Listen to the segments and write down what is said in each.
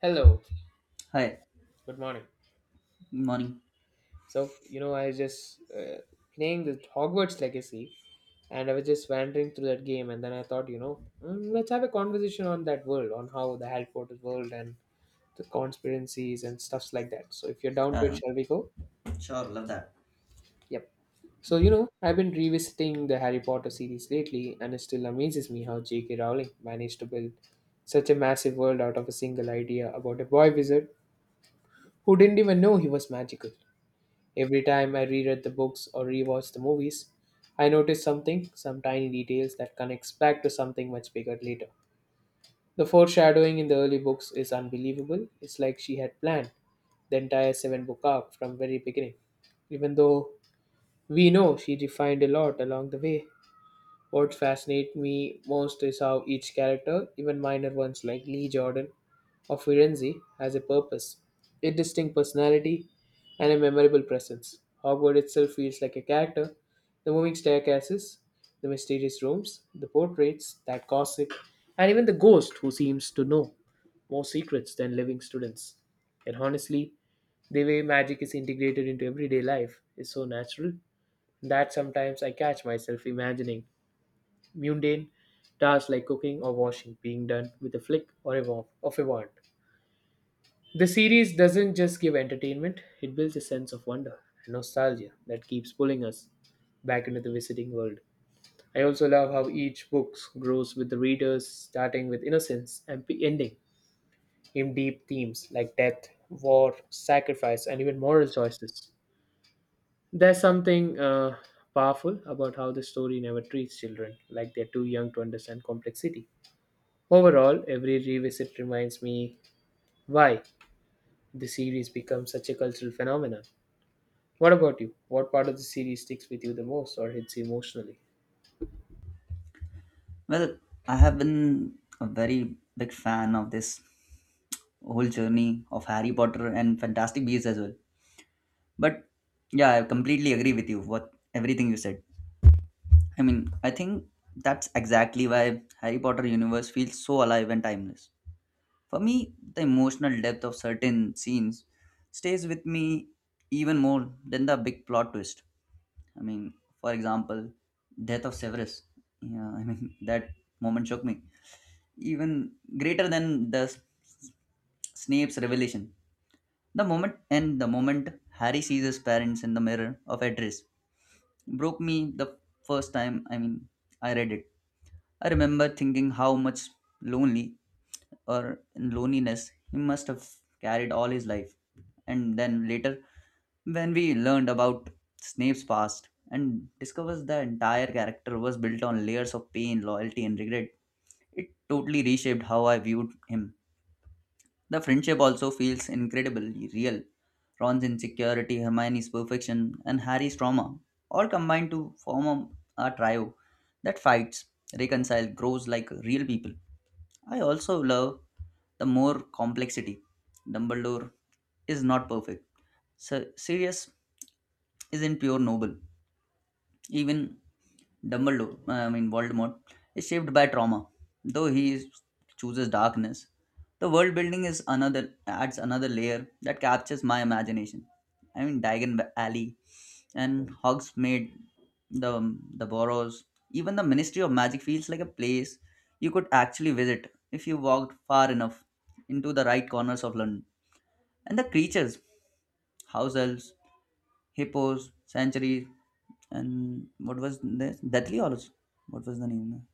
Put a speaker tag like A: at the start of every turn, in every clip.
A: Hello,
B: Hi,
A: good morning.
B: morning.
A: So, you know, I was just playing the Hogwarts Legacy and I was just wandering through that game, and then I thought, let's have a conversation on that world, on how the Harry Potter world and the conspiracies and stuffs like that. So, if you're down to it,
B: Uh,
A: shall we go?
B: Sure, love that.
A: Yep. So, you know, I've been revisiting the Harry Potter series lately, and it still amazes me how J.K. Rowling managed to build such a massive world out of a single idea about a boy wizard who didn't even know he was magical. Every time I reread the books or rewatch the movies, I notice something, some tiny details that connects back to something much bigger later. The foreshadowing in the early books is unbelievable. It's like she had planned the entire seven book arc from very beginning. Even though we know she refined a lot along the way, what fascinates me most is how each character, even minor ones like Lee Jordan or Firenze, has a purpose, a distinct personality, and a memorable presence. Hogwarts itself feels like a character. The moving staircases, the mysterious rooms, the portraits, that gossip, and even the ghost who seems to know more secrets than living students. And honestly, the way magic is integrated into everyday life is so natural that sometimes I catch myself imagining mundane tasks like cooking or washing being done with a flick of a wand. The series doesn't just give entertainment, it builds a sense of wonder and nostalgia that keeps pulling us back into the visiting world. I also love how each book grows with the readers, starting with innocence and ending in deep themes like death, war, sacrifice, and even moral choices. There's something powerful about how the story never treats children like they're too young to understand complexity. Overall, every revisit reminds me why the series becomes such a cultural phenomenon. What about you? What part of the series sticks with you the most or hits you emotionally?
B: Well, I have been a very big fan of this whole journey of Harry Potter and Fantastic Beasts as well. But yeah, I completely agree with you what everything you said. I mean, I think that's exactly why Harry Potter universe feels so alive and timeless. For me, the emotional depth of certain scenes stays with me even more than the big plot twist. I mean, for example, death of Severus. Yeah, I mean that moment shook me even greater than the S- Snape's revelation. The moment Harry sees his parents in the mirror of Edris broke me the first time. I mean, I read it. I remember thinking how much lonely or in loneliness he must have carried all his life. And then later, when we learned about Snape's past and discovers the entire character was built on layers of pain, loyalty, and regret, it totally reshaped how I viewed him. The friendship also feels incredibly real. Ron's insecurity, Hermione's perfection, and Harry's trauma all combine to form a trio that fights, reconciles, grows like real people. I also love the more complexity. Dumbledore is not perfect. Sir Sirius isn't pure noble. Even Dumbledore, I mean Voldemort, is shaped by trauma. Though he is, chooses darkness, the world building is another adds another layer that captures my imagination. I mean Diagon Alley and Hogsmeade, the Boroughs, even the Ministry of Magic feels like a place you could actually visit if you walked far enough into the right corners of London. And the creatures, house elves. Hippos, Sanctuary, and what was this? Deathly or what was the name?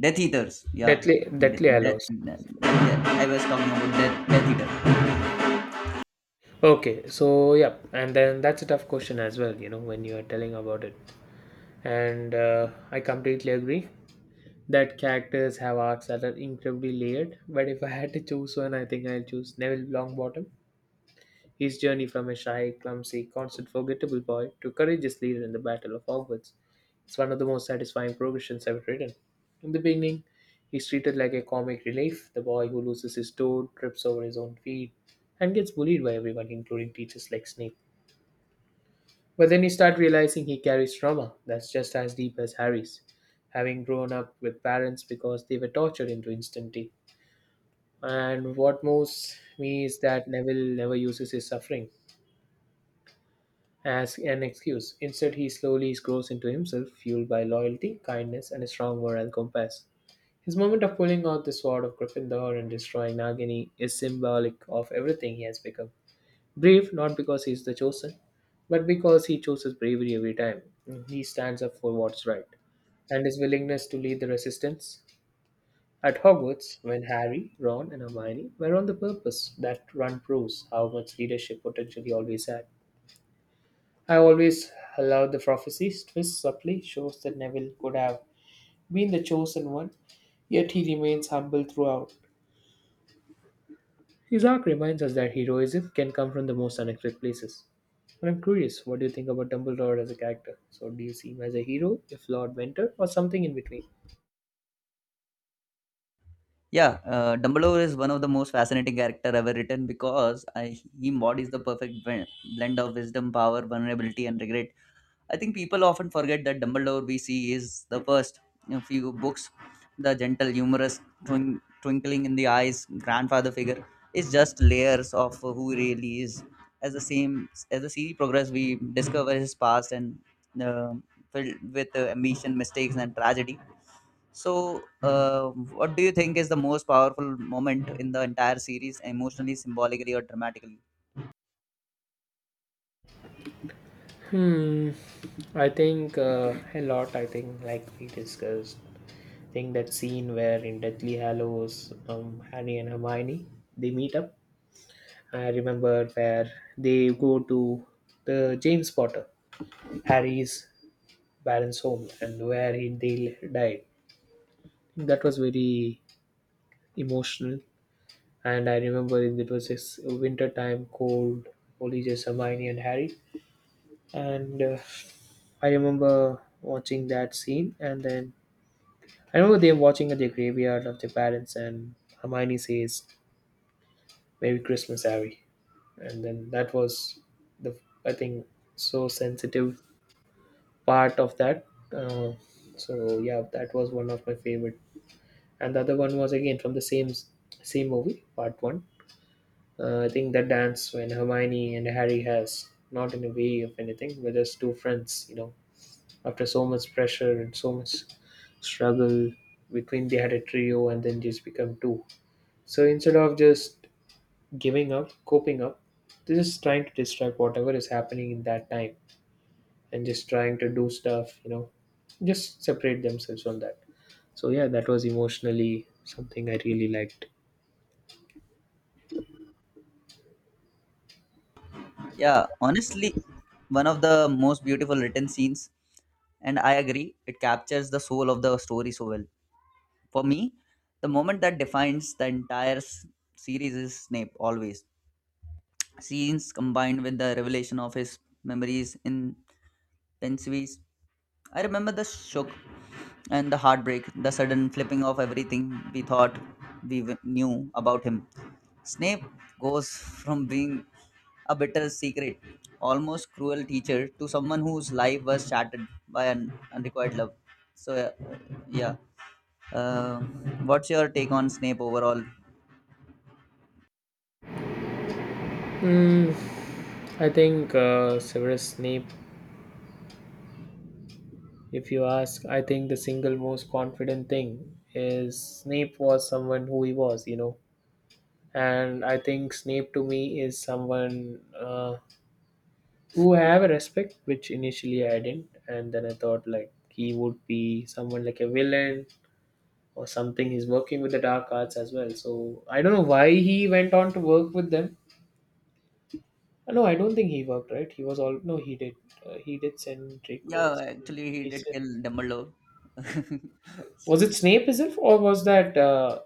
B: Death Eaters. Yeah.
A: Deathly, Deathly Hallows.
B: I was talking about Death, Death Eater.
A: Okay, so yeah, and then that's a tough question as well, you know, when you are telling about it. And I completely agree that characters have arcs that are incredibly layered. But if I had to choose one, I think I'll choose Neville Longbottom. His journey from a shy, clumsy, constant forgettable boy to courageous leader in the Battle of Hogwarts, it's one of the most satisfying progressions I've written. In the beginning, he's treated like a comic relief, the boy who loses his toe, trips over his own feet, and gets bullied by everyone, including teachers like Snape. But then you start realizing he carries trauma that's just as deep as Harry's, having grown up with parents because they were tortured into instantity. And what moves me is that Neville never uses his suffering as an excuse. Instead, he slowly grows into himself, fueled by loyalty, kindness, and a strong moral compass. His moment of pulling out the sword of Gryffindor and destroying Nagini is symbolic of everything he has become. Brave not because he is the chosen, but because he chooses bravery every time. He stands up for what's right, and his willingness to lead the resistance. At Hogwarts, when Harry, Ron, and Hermione were on the purpose, that run proves how much leadership potential he always had. I always allowed the prophecies twist subtly shows that Neville could have been the chosen one, yet he remains humble throughout. Isaac reminds us that heroism can come from the most unexpected places. And I'm curious, what do you think about Dumbledore as a character? So, do you see him as a hero, a flawed mentor, or something in between?
B: Yeah, Dumbledore is one of the most fascinating character ever written because he embodies the perfect blend of wisdom, power, vulnerability, and regret. I think people often forget that Dumbledore we see is the first in few books. The gentle, humorous, twinkling in the eyes grandfather figure is just layers of who he really is. As the same as the series progress, we discover his past and uh, filled with ambition, mistakes, and tragedy. So, what do you think is the most powerful moment in the entire series, emotionally, symbolically, or dramatically?
A: Hmm, I think a lot. I think, like we discussed, I think that scene where in Deathly Hallows, Harry and Hermione they meet up. I remember where they go to the James Potter, Harry's parents' home, and where he they died. That was very emotional. And I remember it, it was this winter time, cold, only just Hermione and Harry. And I remember watching that scene. And then I remember they are watching at the graveyard of their parents, and Hermione says, "Merry Christmas, Harry." And then that was the, I think, so sensitive part of that. Uh, so yeah, that was one of my favorite. And the other one was again from the same movie, part one. I think that dance when Hermione and Harry has not in a way of anything, but as two friends, you know, after so much pressure and so much struggle between they had a trio and then just become two. So instead of just giving up, coping up, they're just trying to distract whatever is happening in that time and just trying to do stuff, you know, just separate themselves from that. So yeah, that was emotionally something I really liked.
B: Yeah, honestly, one of the most beautiful written scenes, and I agree it captures the soul of the story so well. For me, the moment that defines the entire series is Snape always scenes combined with the revelation of his memories in pensvies. I remember the shock and the heartbreak, the sudden flipping of everything we thought we knew about him. Snape goes from being a bitter, secret, almost cruel teacher to someone whose life was shattered by an unrequited love. So yeah. Uh, what's your take on Snape overall?
A: Mm, I think Severus Snape, if you ask, I think the single most confident thing is Snape was someone who he was, you know. And I think Snape to me is someone who I have a respect, which initially I didn't. And then I thought like he would be someone like a villain or something. He's working with the dark arts as well. So I don't know why he went on to work with them. No, I don't think he worked, right? He was all. No, he did. He did send Draco.
B: Yeah, actually, he
A: He
B: did kill
A: sent.
B: Dumbledore.
A: Was
B: So,
A: it Snape himself, or was that.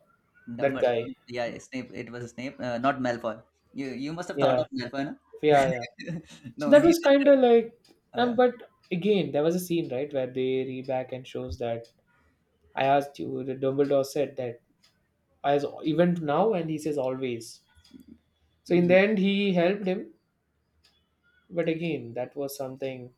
A: That guy.
B: Dumbledore, yeah, Snape. It was Snape, not Malfoy. You must have thought of
A: Yeah,
B: Malfoy, no?
A: yeah. So
B: No,
A: that
B: he
A: was kind
B: just
A: of like,
B: uh, uh,
A: but again, there was a scene right where they re back and shows that I asked you. The Dumbledore said that as even now, and he says always. So in the end, he helped him. But again, that was something.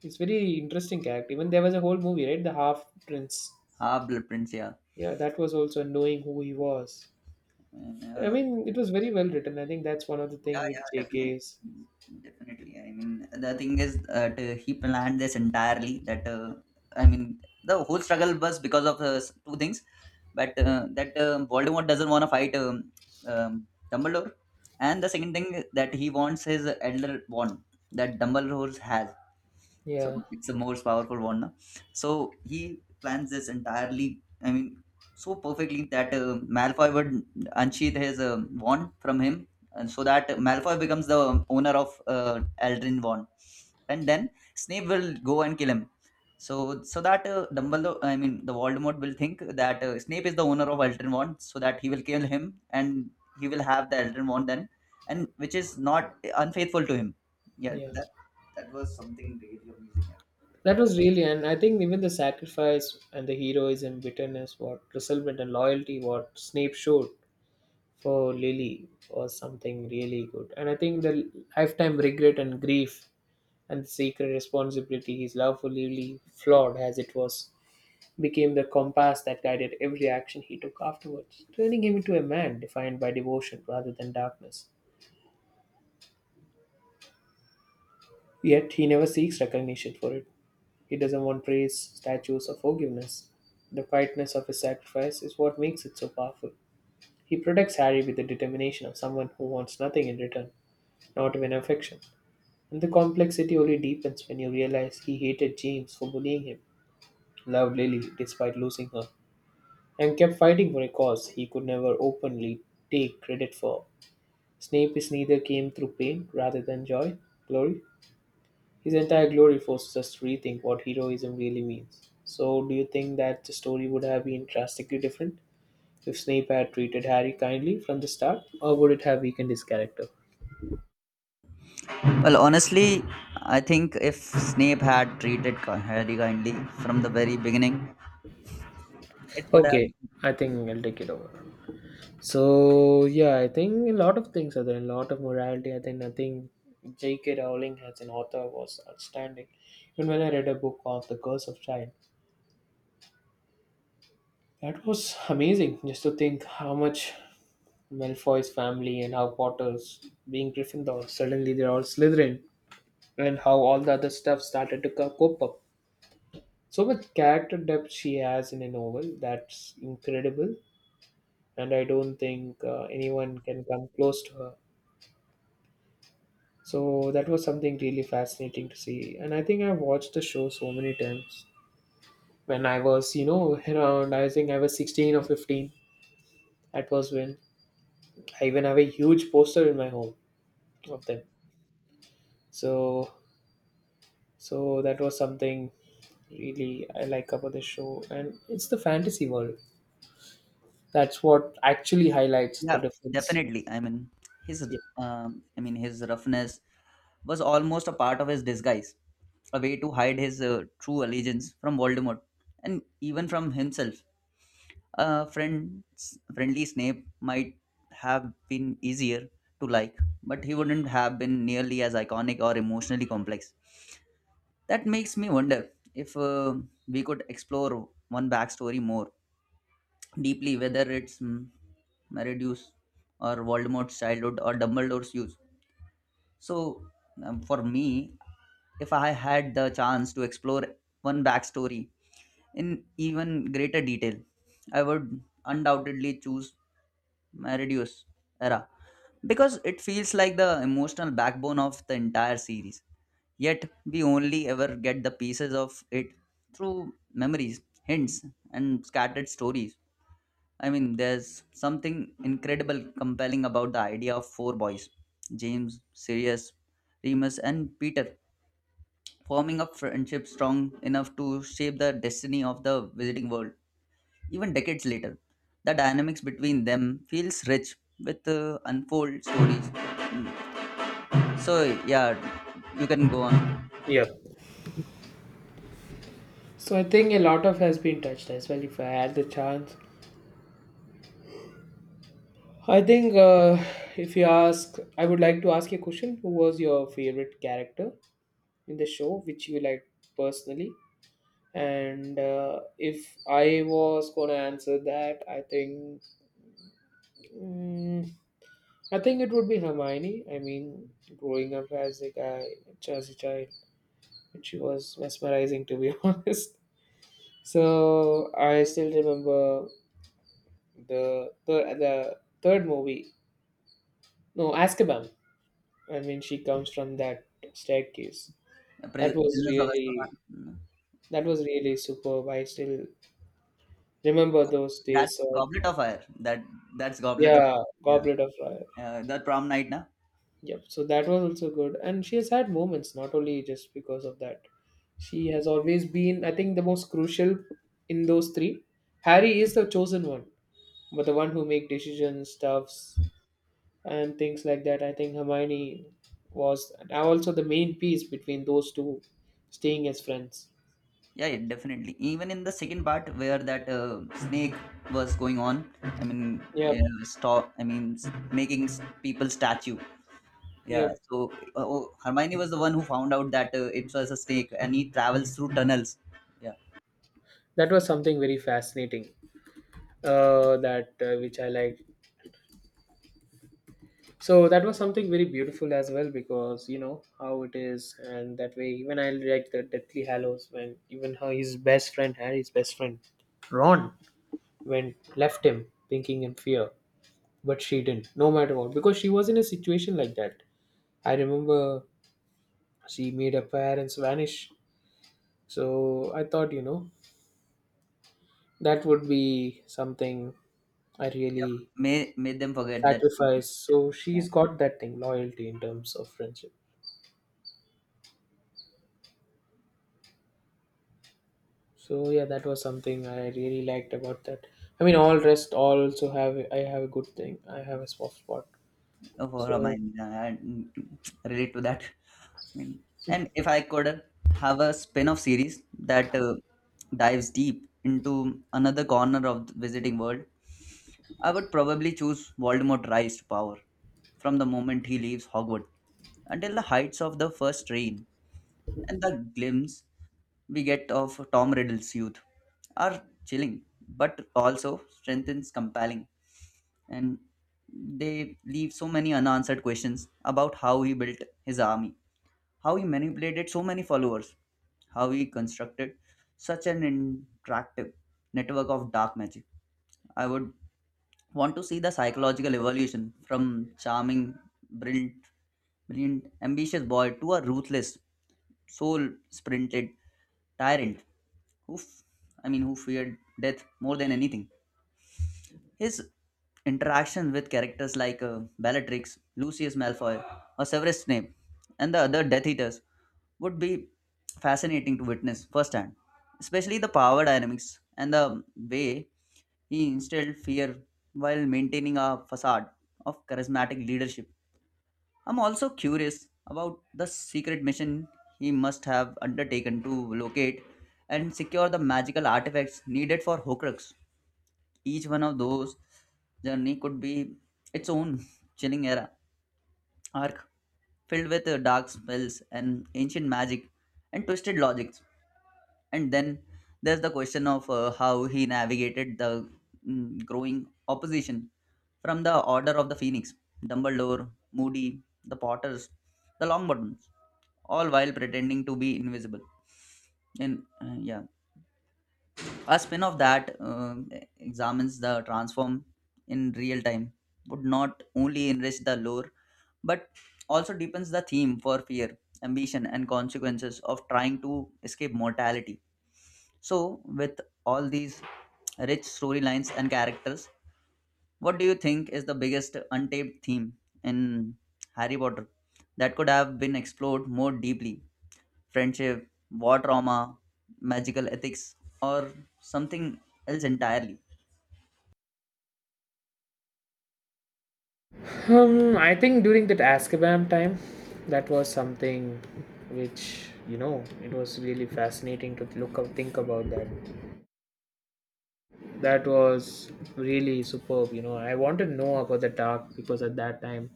A: It's very interesting character. Even there was a whole movie, right? The Half Prince.
B: Half Blood Prince. Yeah.
A: Yeah, that was also knowing who he was.
B: And,
A: I mean, it was very well written. I think that's one of the
B: yeah,
A: thing
B: yeah,
A: with
B: definitely.
A: J.K.'s.
B: Definitely. I mean, the thing is that he planned this entirely. That I mean, the whole struggle was because of two things, but that Voldemort doesn't want to fight um, Dumbledore, and the second thing that he wants his elder wand that Dumbledore has. So
A: Yeah,
B: it's a most powerful wand. Na? So he plans this entirely. I mean, so perfectly that Malfoy would unsheath his wand from him and so that Malfoy becomes the owner of Eldrin Vaughn, and then Snape will go and kill him. So that Dumbledore, I mean the Voldemort will think that Snape is the owner of Eldrin Vaughn, so that he will kill him and he will have the Eldrin Vaughn then, and which is not unfaithful to him. Yeah,
A: yeah.
B: that was something really amazing.
A: That was really, and I think even the sacrifice and the heroism, bitterness, what resentment and loyalty, what Snape showed for Lily was something really good. And I think the lifetime regret and grief and secret responsibility his love for Lily, flawed as it was, became the compass that guided every action he took afterwards, turning him into a man defined by devotion rather than darkness. Yet he never seeks recognition for it. He doesn't want praise, statues, or forgiveness. The quietness of his sacrifice is what makes it so powerful. He protects Harry with the determination of someone who wants nothing in return, not even affection. And the complexity only deepens when you realize he hated James for bullying him, loved Lily despite losing her, and kept fighting for a cause he could never openly take credit for. Snape is neither came through pain rather than joy, glory, his entire glory forces us to rethink what heroism really means. So, do you think that the story would have been drastically different if Snape had treated Harry kindly from the start, or would it have weakened his character?
B: Well, honestly, I think if Snape had treated Harry kindly from the very beginning, it would have.
A: Okay, I think I'll take it over. So, yeah, I think a lot of things are there, a lot of morality. I think nothing. J.K. Rowling as an author was outstanding. Even when I read a book of The Curse of Time, that was amazing just to think how much Malfoy's family and how Potter's being Gryffindor. Suddenly they're all Slytherin, and how all the other stuff started to pop up. So much character depth she has in a novel that's incredible, and I don't think anyone can come close to her. So that was something really fascinating to see, and I think I've watched the show so many times. When I was, you know, around, I think I was 16 or 15. That was when I even have a huge poster in my home of them. So so that was something really I like about the show, and it's the fantasy world. That's what actually highlights the
B: Yeah,
A: difference.
B: definitely. I mean, his roughness was almost a part of his disguise, a way to hide his true allegiance from Voldemort and even from himself. A friendly Snape might have been easier to like, but he wouldn't have been nearly as iconic or emotionally complex. That makes me wonder if we could explore one backstory more deeply, whether it's Meridius or Voldemort's childhood or Dumbledore's youth. So, for me, if I had the chance to explore one backstory in even greater detail, I would undoubtedly choose Meridius era because it feels like the emotional backbone of the entire series. Yet, we only ever get the pieces of it through memories, hints, and scattered stories. I mean, there's something incredible compelling about the idea of four boys, James, Sirius, Remus, and Peter, forming a friendship strong enough to shape the destiny of the visiting world. Even decades later, the dynamics between them feels rich with unfold stories. So, yeah, you can go on.
A: Yeah. Yeah. So I think a lot of has been touched as well. If I had the chance, I think if you ask, I would like to ask you a question: who was your favorite character in the show, which you like personally? And if I was gonna answer that, I think mm, I think it would be Hermione. I mean, growing up as a guy, as a child, she was mesmerizing, to be honest. So I still remember the third movie. No, Azkaban. I mean, she comes from that staircase. That was
B: Prisoners of Azkaban.
A: really, that was really superb. I still remember those
B: That's
A: days. So
B: Goblet of Fire. That's Goblet of.
A: yeah,
B: Yeah.
A: Goblet of Fire.
B: The prom night, na?
A: Yep. So that was also good, and she has had moments not only just because of that. She has always been, I think, the most crucial in those three. Harry is the chosen one, but the one who make decisions, stuffs, and things like that. I think Hermione was and also the main piece between those two, staying as friends.
B: Yeah, yeah, definitely. Even in the second part where that snake was going on, I mean,
A: Yep,
B: stop. I mean, making people statue. Yeah.
A: yep.
B: So oh, Hermione was the one who found out that it was a snake, and he travels through tunnels. Yeah,
A: That was something very fascinating. That which I liked. So that was something very beautiful as well because you know how it is, and that way even I liked the Deathly Hallows when even how his best friend Harry's best friend, Ron went left him, thinking in fear, but she didn't no matter what because she was in a situation like that. I remember she made her parents vanish, so I thought that would be something I really
B: made them forget that she
A: sacrifice.
B: exists.
A: So
B: Yeah.
A: she's got that thing, loyalty in terms of friendship. So yeah, that was something I really liked about that. I mean all rest all also have, I have a good thing, I have a soft spot.
B: Oh, for
A: So
B: Hermione, yeah, I relate to that. I mean, and if I could have a spin-off series that dives deep into another corner of the visiting world, I would probably choose Voldemort rise to power from the moment he leaves Hogwarts until the heights of the first train, and the glimpse we get of Tom Riddle's youth are chilling but also strengthens compelling, and they leave so many unanswered questions about how he built his army, how he manipulated so many followers, how he constructed such an interactive network of dark magic. I would want to see the psychological evolution from charming, brilliant, brilliant, ambitious boy to a ruthless, soul-sprinted tyrant who, f- I mean, who feared death more than anything. His interaction with characters like Bellatrix, Lucius Malfoy, or Severus Snape, and the other Death Eaters would be fascinating to witness firsthand, especially the power dynamics and the way he instilled fear while maintaining a facade of charismatic leadership. I'm also curious about the secret mission he must have undertaken to locate and secure the magical artifacts needed for Horcrux. Each one of those journey could be its own chilling era arc filled with dark spells and ancient magic and twisted logic. And then there's the question of how he navigated the growing opposition from the Order of the Phoenix, Dumbledore, Moody, the Potters, the Longbottoms, all while pretending to be invisible. And yeah, a spin of that uh, examines the transform in real time would not only enrich the lore but also deepens the theme for fear, ambition, and consequences of trying to escape mortality. So, with all these rich storylines and characters, what do you think is the biggest untapped theme in Harry Potter that could have been explored more deeply? Friendship, war trauma, magical ethics, or something else entirely?
A: I think during that Azkaban time, that was something which you know it was really fascinating to look up, think about that. That was really superb. You know, I wanted to know about the dark because at that time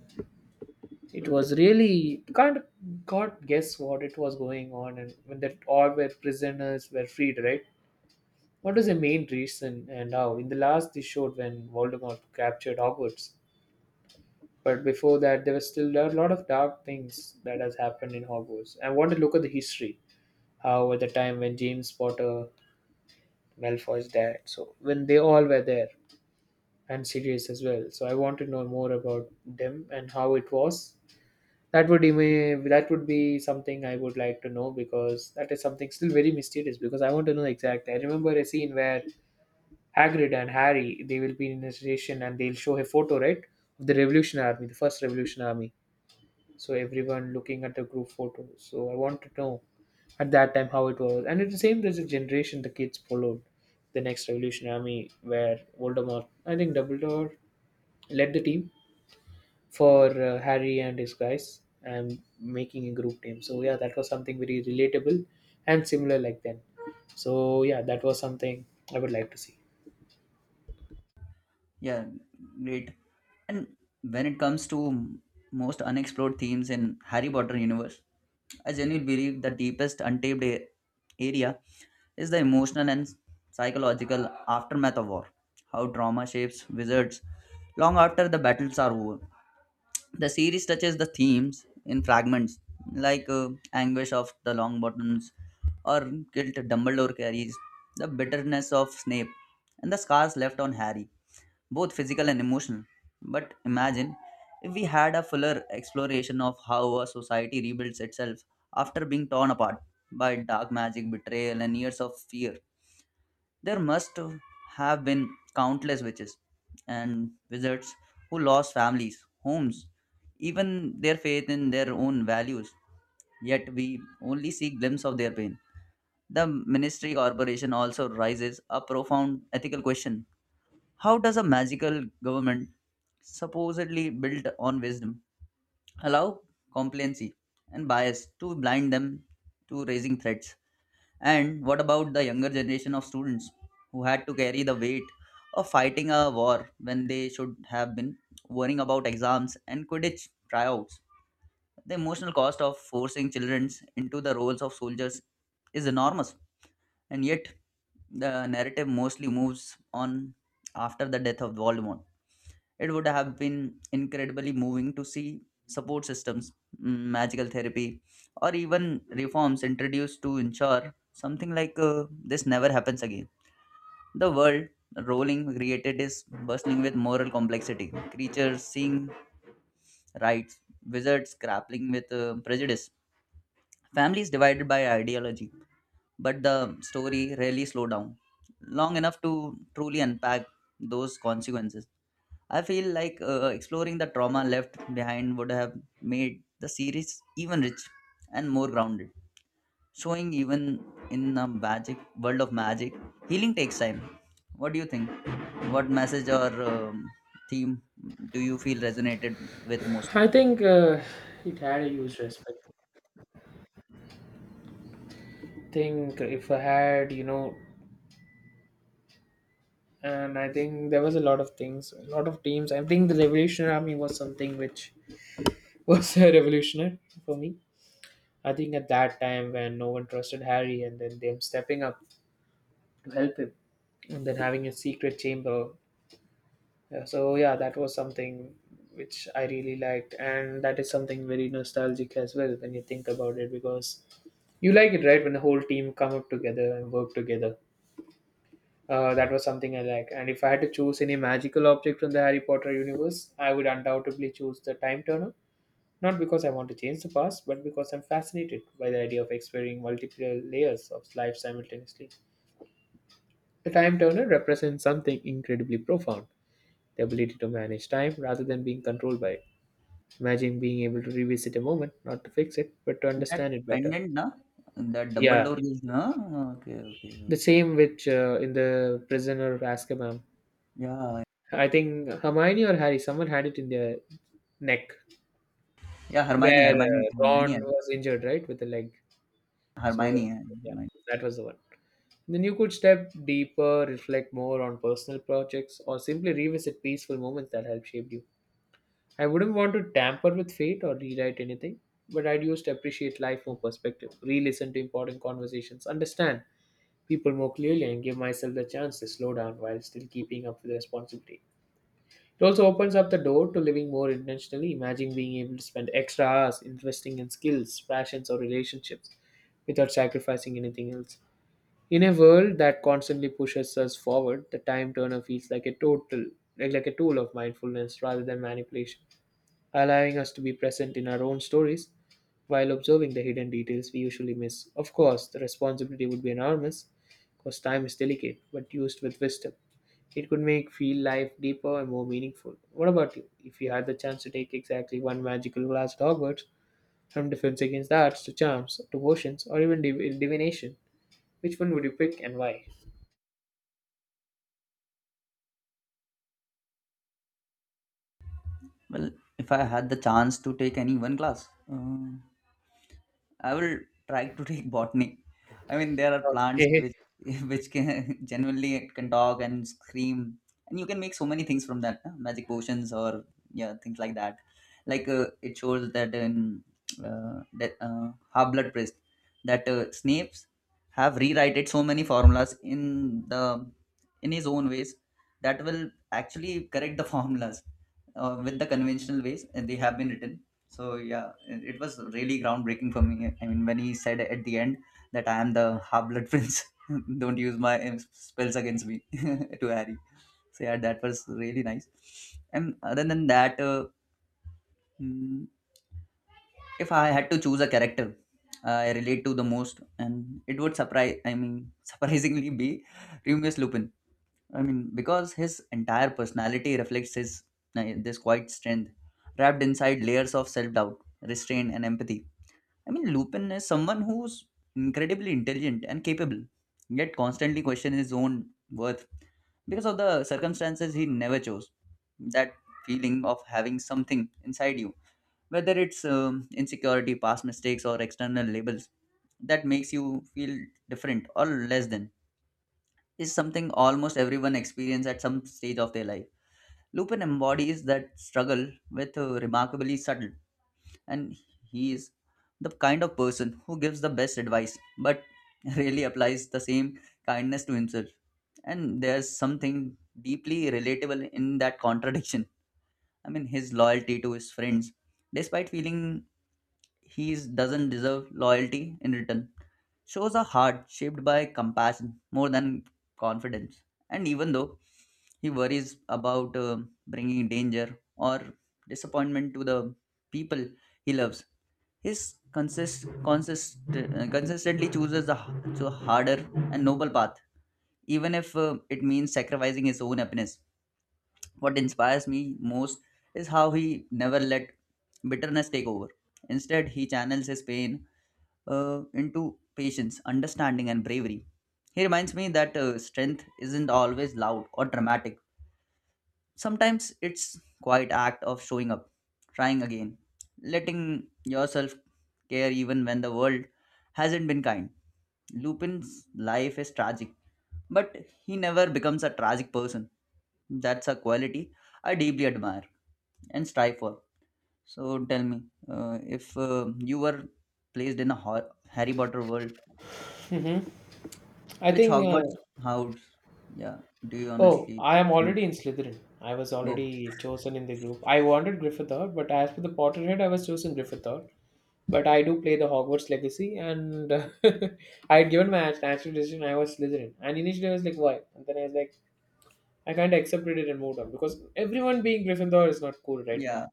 A: it was really kind of God guess what it was going on, and when that all were prisoners were freed, right? What was the main reason and how? In the last they showed when Voldemort captured Hogwarts. But before that, there was still there are a lot of dark things that has happened in Hogwarts. I want to look at the history, how at the time when James Potter, Malfoy's dad, so when they all were there, and Sirius as well. So I want to know more about them and how it was. That would be something I would like to know because that is something still very mysterious. Because I want to know exactly. I remember a scene where Hagrid and Harry they will be in a station and they'll show a photo, right, of the Revolution Army, the first Revolution Army. So everyone looking at the group photo, so I want to know at that time how it was. And it's the same, there's a generation, the kids followed the next revolutionary army where Voldemort, I think Dumbledore led the team for Harry and his guys and making a group team. So yeah, that was something very relatable and similar like then. So yeah, that was something I would like to see.
B: Yeah, great. And when it comes to most unexplored themes in Harry Potter universe, I genuinely believe the deepest untapped area is the emotional and psychological aftermath of war. How trauma shapes wizards long after the battles are over. The series touches the themes in fragments, like anguish of the Longbottoms or guilt Dumbledore carries, the bitterness of Snape, and the scars left on Harry, both physical and emotional. But imagine if we had a fuller exploration of how a society rebuilds itself after being torn apart by dark magic, betrayal, and years of fear. There must have been countless witches and wizards who lost families, homes, even their faith in their own values. Yet we only see glimpse of their pain. The Ministry Corporation also raises a profound ethical question, how does a magical government, supposedly built on wisdom, allow complacency and bias to blind them to raising threats? And what about the younger generation of students who had to carry the weight of fighting a war when they should have been worrying about exams and Quidditch tryouts? The emotional cost of forcing children into the roles of soldiers is enormous, and yet the narrative mostly moves on after the death of Voldemort. It would have been incredibly moving to see support systems, magical therapy, or even reforms introduced to ensure something like this never happens again. The world rolling created is bustling with moral complexity, creatures seeing rights, wizards grappling with prejudice, families divided by ideology. But the story rarely slow down long enough to truly unpack those consequences. I feel like exploring the trauma left behind would have made the series even rich and more grounded, showing even in a magic world of magic, healing takes time. What do you think? What message or theme do you feel resonated with mostly?
A: I think it had a huge respect, think if I had, you know, and I think there was a lot of things, a lot of teams. I think the Revolutionary Army was something which was a revolutionary for me. I think at that time when no one trusted Harry, and then them stepping up to help him, and then having a secret chamber. Yeah, so yeah, that was something which I really liked, and that is something very nostalgic as well when you think about it because you like it, right? When the whole team come up together and work together. That was something I like. And if I had to choose any magical object from the Harry Potter universe, I would undoubtedly choose the Time Turner. Not because I want to change the past, but because I'm fascinated by the idea of exploring multiple layers of life simultaneously. The Time Turner represents something incredibly profound, the ability to manage time rather than being controlled by it. Imagine being able to revisit a moment, not to fix it, but to
B: That
A: understand it better.
B: pendant, na? That
A: Yeah,
B: Dumbledore is, na? Okay, okay.
A: the same which in the Prisoner of Azkaban.
B: Yeah,
A: I think Hermione or Harry, someone had it in their neck
B: yeah. Hermione,
A: where
B: Hermione,
A: Ron
B: Hermione,
A: was injured, right, with the leg. So
B: Hermione,
A: yeah,
B: Hermione.
A: that was the one. Then you could step deeper, reflect more on personal projects, or simply revisit peaceful moments that helped shape you. I wouldn't want to tamper with fate or rewrite anything, but I'd use to appreciate life more perspective, re-listen to important conversations, understand people more clearly, and give myself the chance to slow down while still keeping up with responsibility. It also opens up the door to living more intentionally. Imagine being able to spend extra hours investing in skills, passions, or relationships without sacrificing anything else. In a world that constantly pushes us forward, the time turner feels like a total like a tool of mindfulness rather than manipulation, allowing us to be present in our own stories while observing the hidden details we usually miss. Of course, the responsibility would be enormous because time is delicate but used with wisdom. It could make feel life deeper and more meaningful. What about you? If you had the chance to take exactly one magical class at Hogwarts, from defense against the arts to charms to potions or even divination, which one would you pick and why?
B: Well, if I had the chance to take any one class. I will try to take botany. I mean, there are plants
A: Okay.
B: which which can genuinely it can talk and scream, and you can make so many things from that, huh? Magic potions or yeah, things like that. Like it shows that in that half blood priest that Snapes have rewritten so many formulas in the in his own ways that will actually correct the formulas with the conventional ways and they have been written so yeah, it was really groundbreaking for me. I mean, when he said at the end that I am the half blood prince, don't use my spells against me to Harry. So yeah, that was really nice. And other than that, mm, if I had to choose a character I relate to the most, and it would surprise, I mean, surprisingly be Remus Lupin. I mean, because his entire personality reflects his this quiet strength, wrapped inside layers of self doubt, restraint, and empathy. I mean, Lupin is someone who's incredibly intelligent and capable, yet constantly questions his own worth because of the circumstances he never chose. That feeling of having something inside you, whether it's insecurity, past mistakes, or external labels, that makes you feel different or less than, is something almost everyone experiences at some stage of their life. Lupin embodies that struggle with remarkably subtle, and he is the kind of person who gives the best advice but really applies the same kindness to himself, and there's something deeply relatable in that contradiction. I mean, his loyalty to his friends despite feeling doesn't deserve loyalty in return shows a heart shaped by compassion more than confidence. And even though he worries about bringing danger or disappointment to the people he loves, his consistently chooses the so harder and noble path, even if it means sacrificing his own happiness. What inspires me most is how he never let bitterness take over. Instead, he channels his pain into patience, understanding, and bravery. He reminds me that strength isn't always loud or dramatic. Sometimes it's quite act of showing up, trying again, letting yourself care even when the world hasn't been kind. Lupin's life is tragic, but he never becomes a tragic person. That's a quality I deeply admire and strive for. So tell me, if you were placed in a Harry Potter world,
A: Hmm, I
B: which
A: think
B: Hogwarts house? Yeah, do you
A: oh,
B: honestly
A: I am
B: think?
A: already in Slytherin. I was
B: Oh,
A: already chosen in the group. I wanted Gryffindor, but as for the Potterhead, I was chosen Gryffindor. But I do play the Hogwarts Legacy, and I had given my natural decision. I was Slytherin, and initially I was like, "Why?" And then I was like, "I kind of accepted it and moved on because everyone being Gryffindor is not cool, right?"
B: yeah.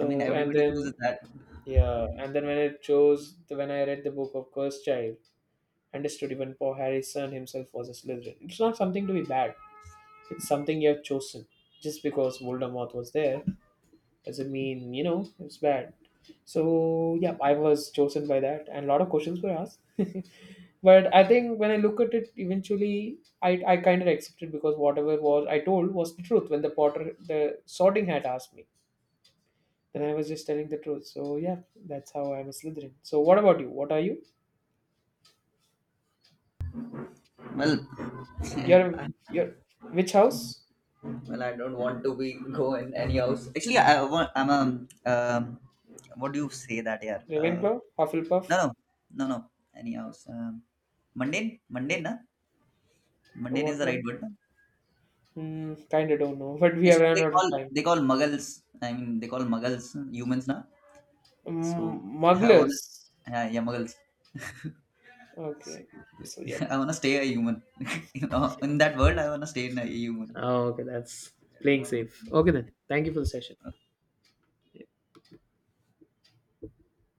B: I mean,
A: and
B: everybody chooses
A: then
B: that.
A: yeah, and then when I chose, when I read the book of Cursed Child, understood even poor Harry's son himself was a Slytherin. It's not something to be bad. It's something you have chosen. Just because Voldemort was there doesn't mean, you know, it's bad. So, yeah, I was chosen by that, and a lot of questions were asked. But I think when I look at it, eventually, I kind of accepted because whatever was I told was the truth. When the Potter, the Sorting Hat asked me, then I was just telling the truth. So, yeah, that's how I'm a Slytherin. So, what about you? What are you?
B: Well,
A: You're,
B: I,
A: you're which house?
B: well, I don't want to be go in any house. Actually, I want. I'm um what do you say that here?
A: Ravenclaw?
B: No,
A: Hufflepuff?
B: no, no, no. Any house. Mundane, mundane, na? Mundane is
A: What
B: the right
A: one?
B: word. Na?
A: Hmm, kind of don't know, but we have
B: Actually,
A: run
B: they
A: out
B: call
A: of time.
B: they call muggles. I mean, they call muggles humans, na? So
A: Mm,
B: I wanna,
A: Mugglers.
B: yeah, yeah, muggles.
A: Okay. So, yep.
B: I wanna stay a human. You know, in that world, I wanna stay in a human.
A: Oh, okay, that's
B: I don't
A: playing safe.
B: want.
A: Okay, then. Thank you for the session.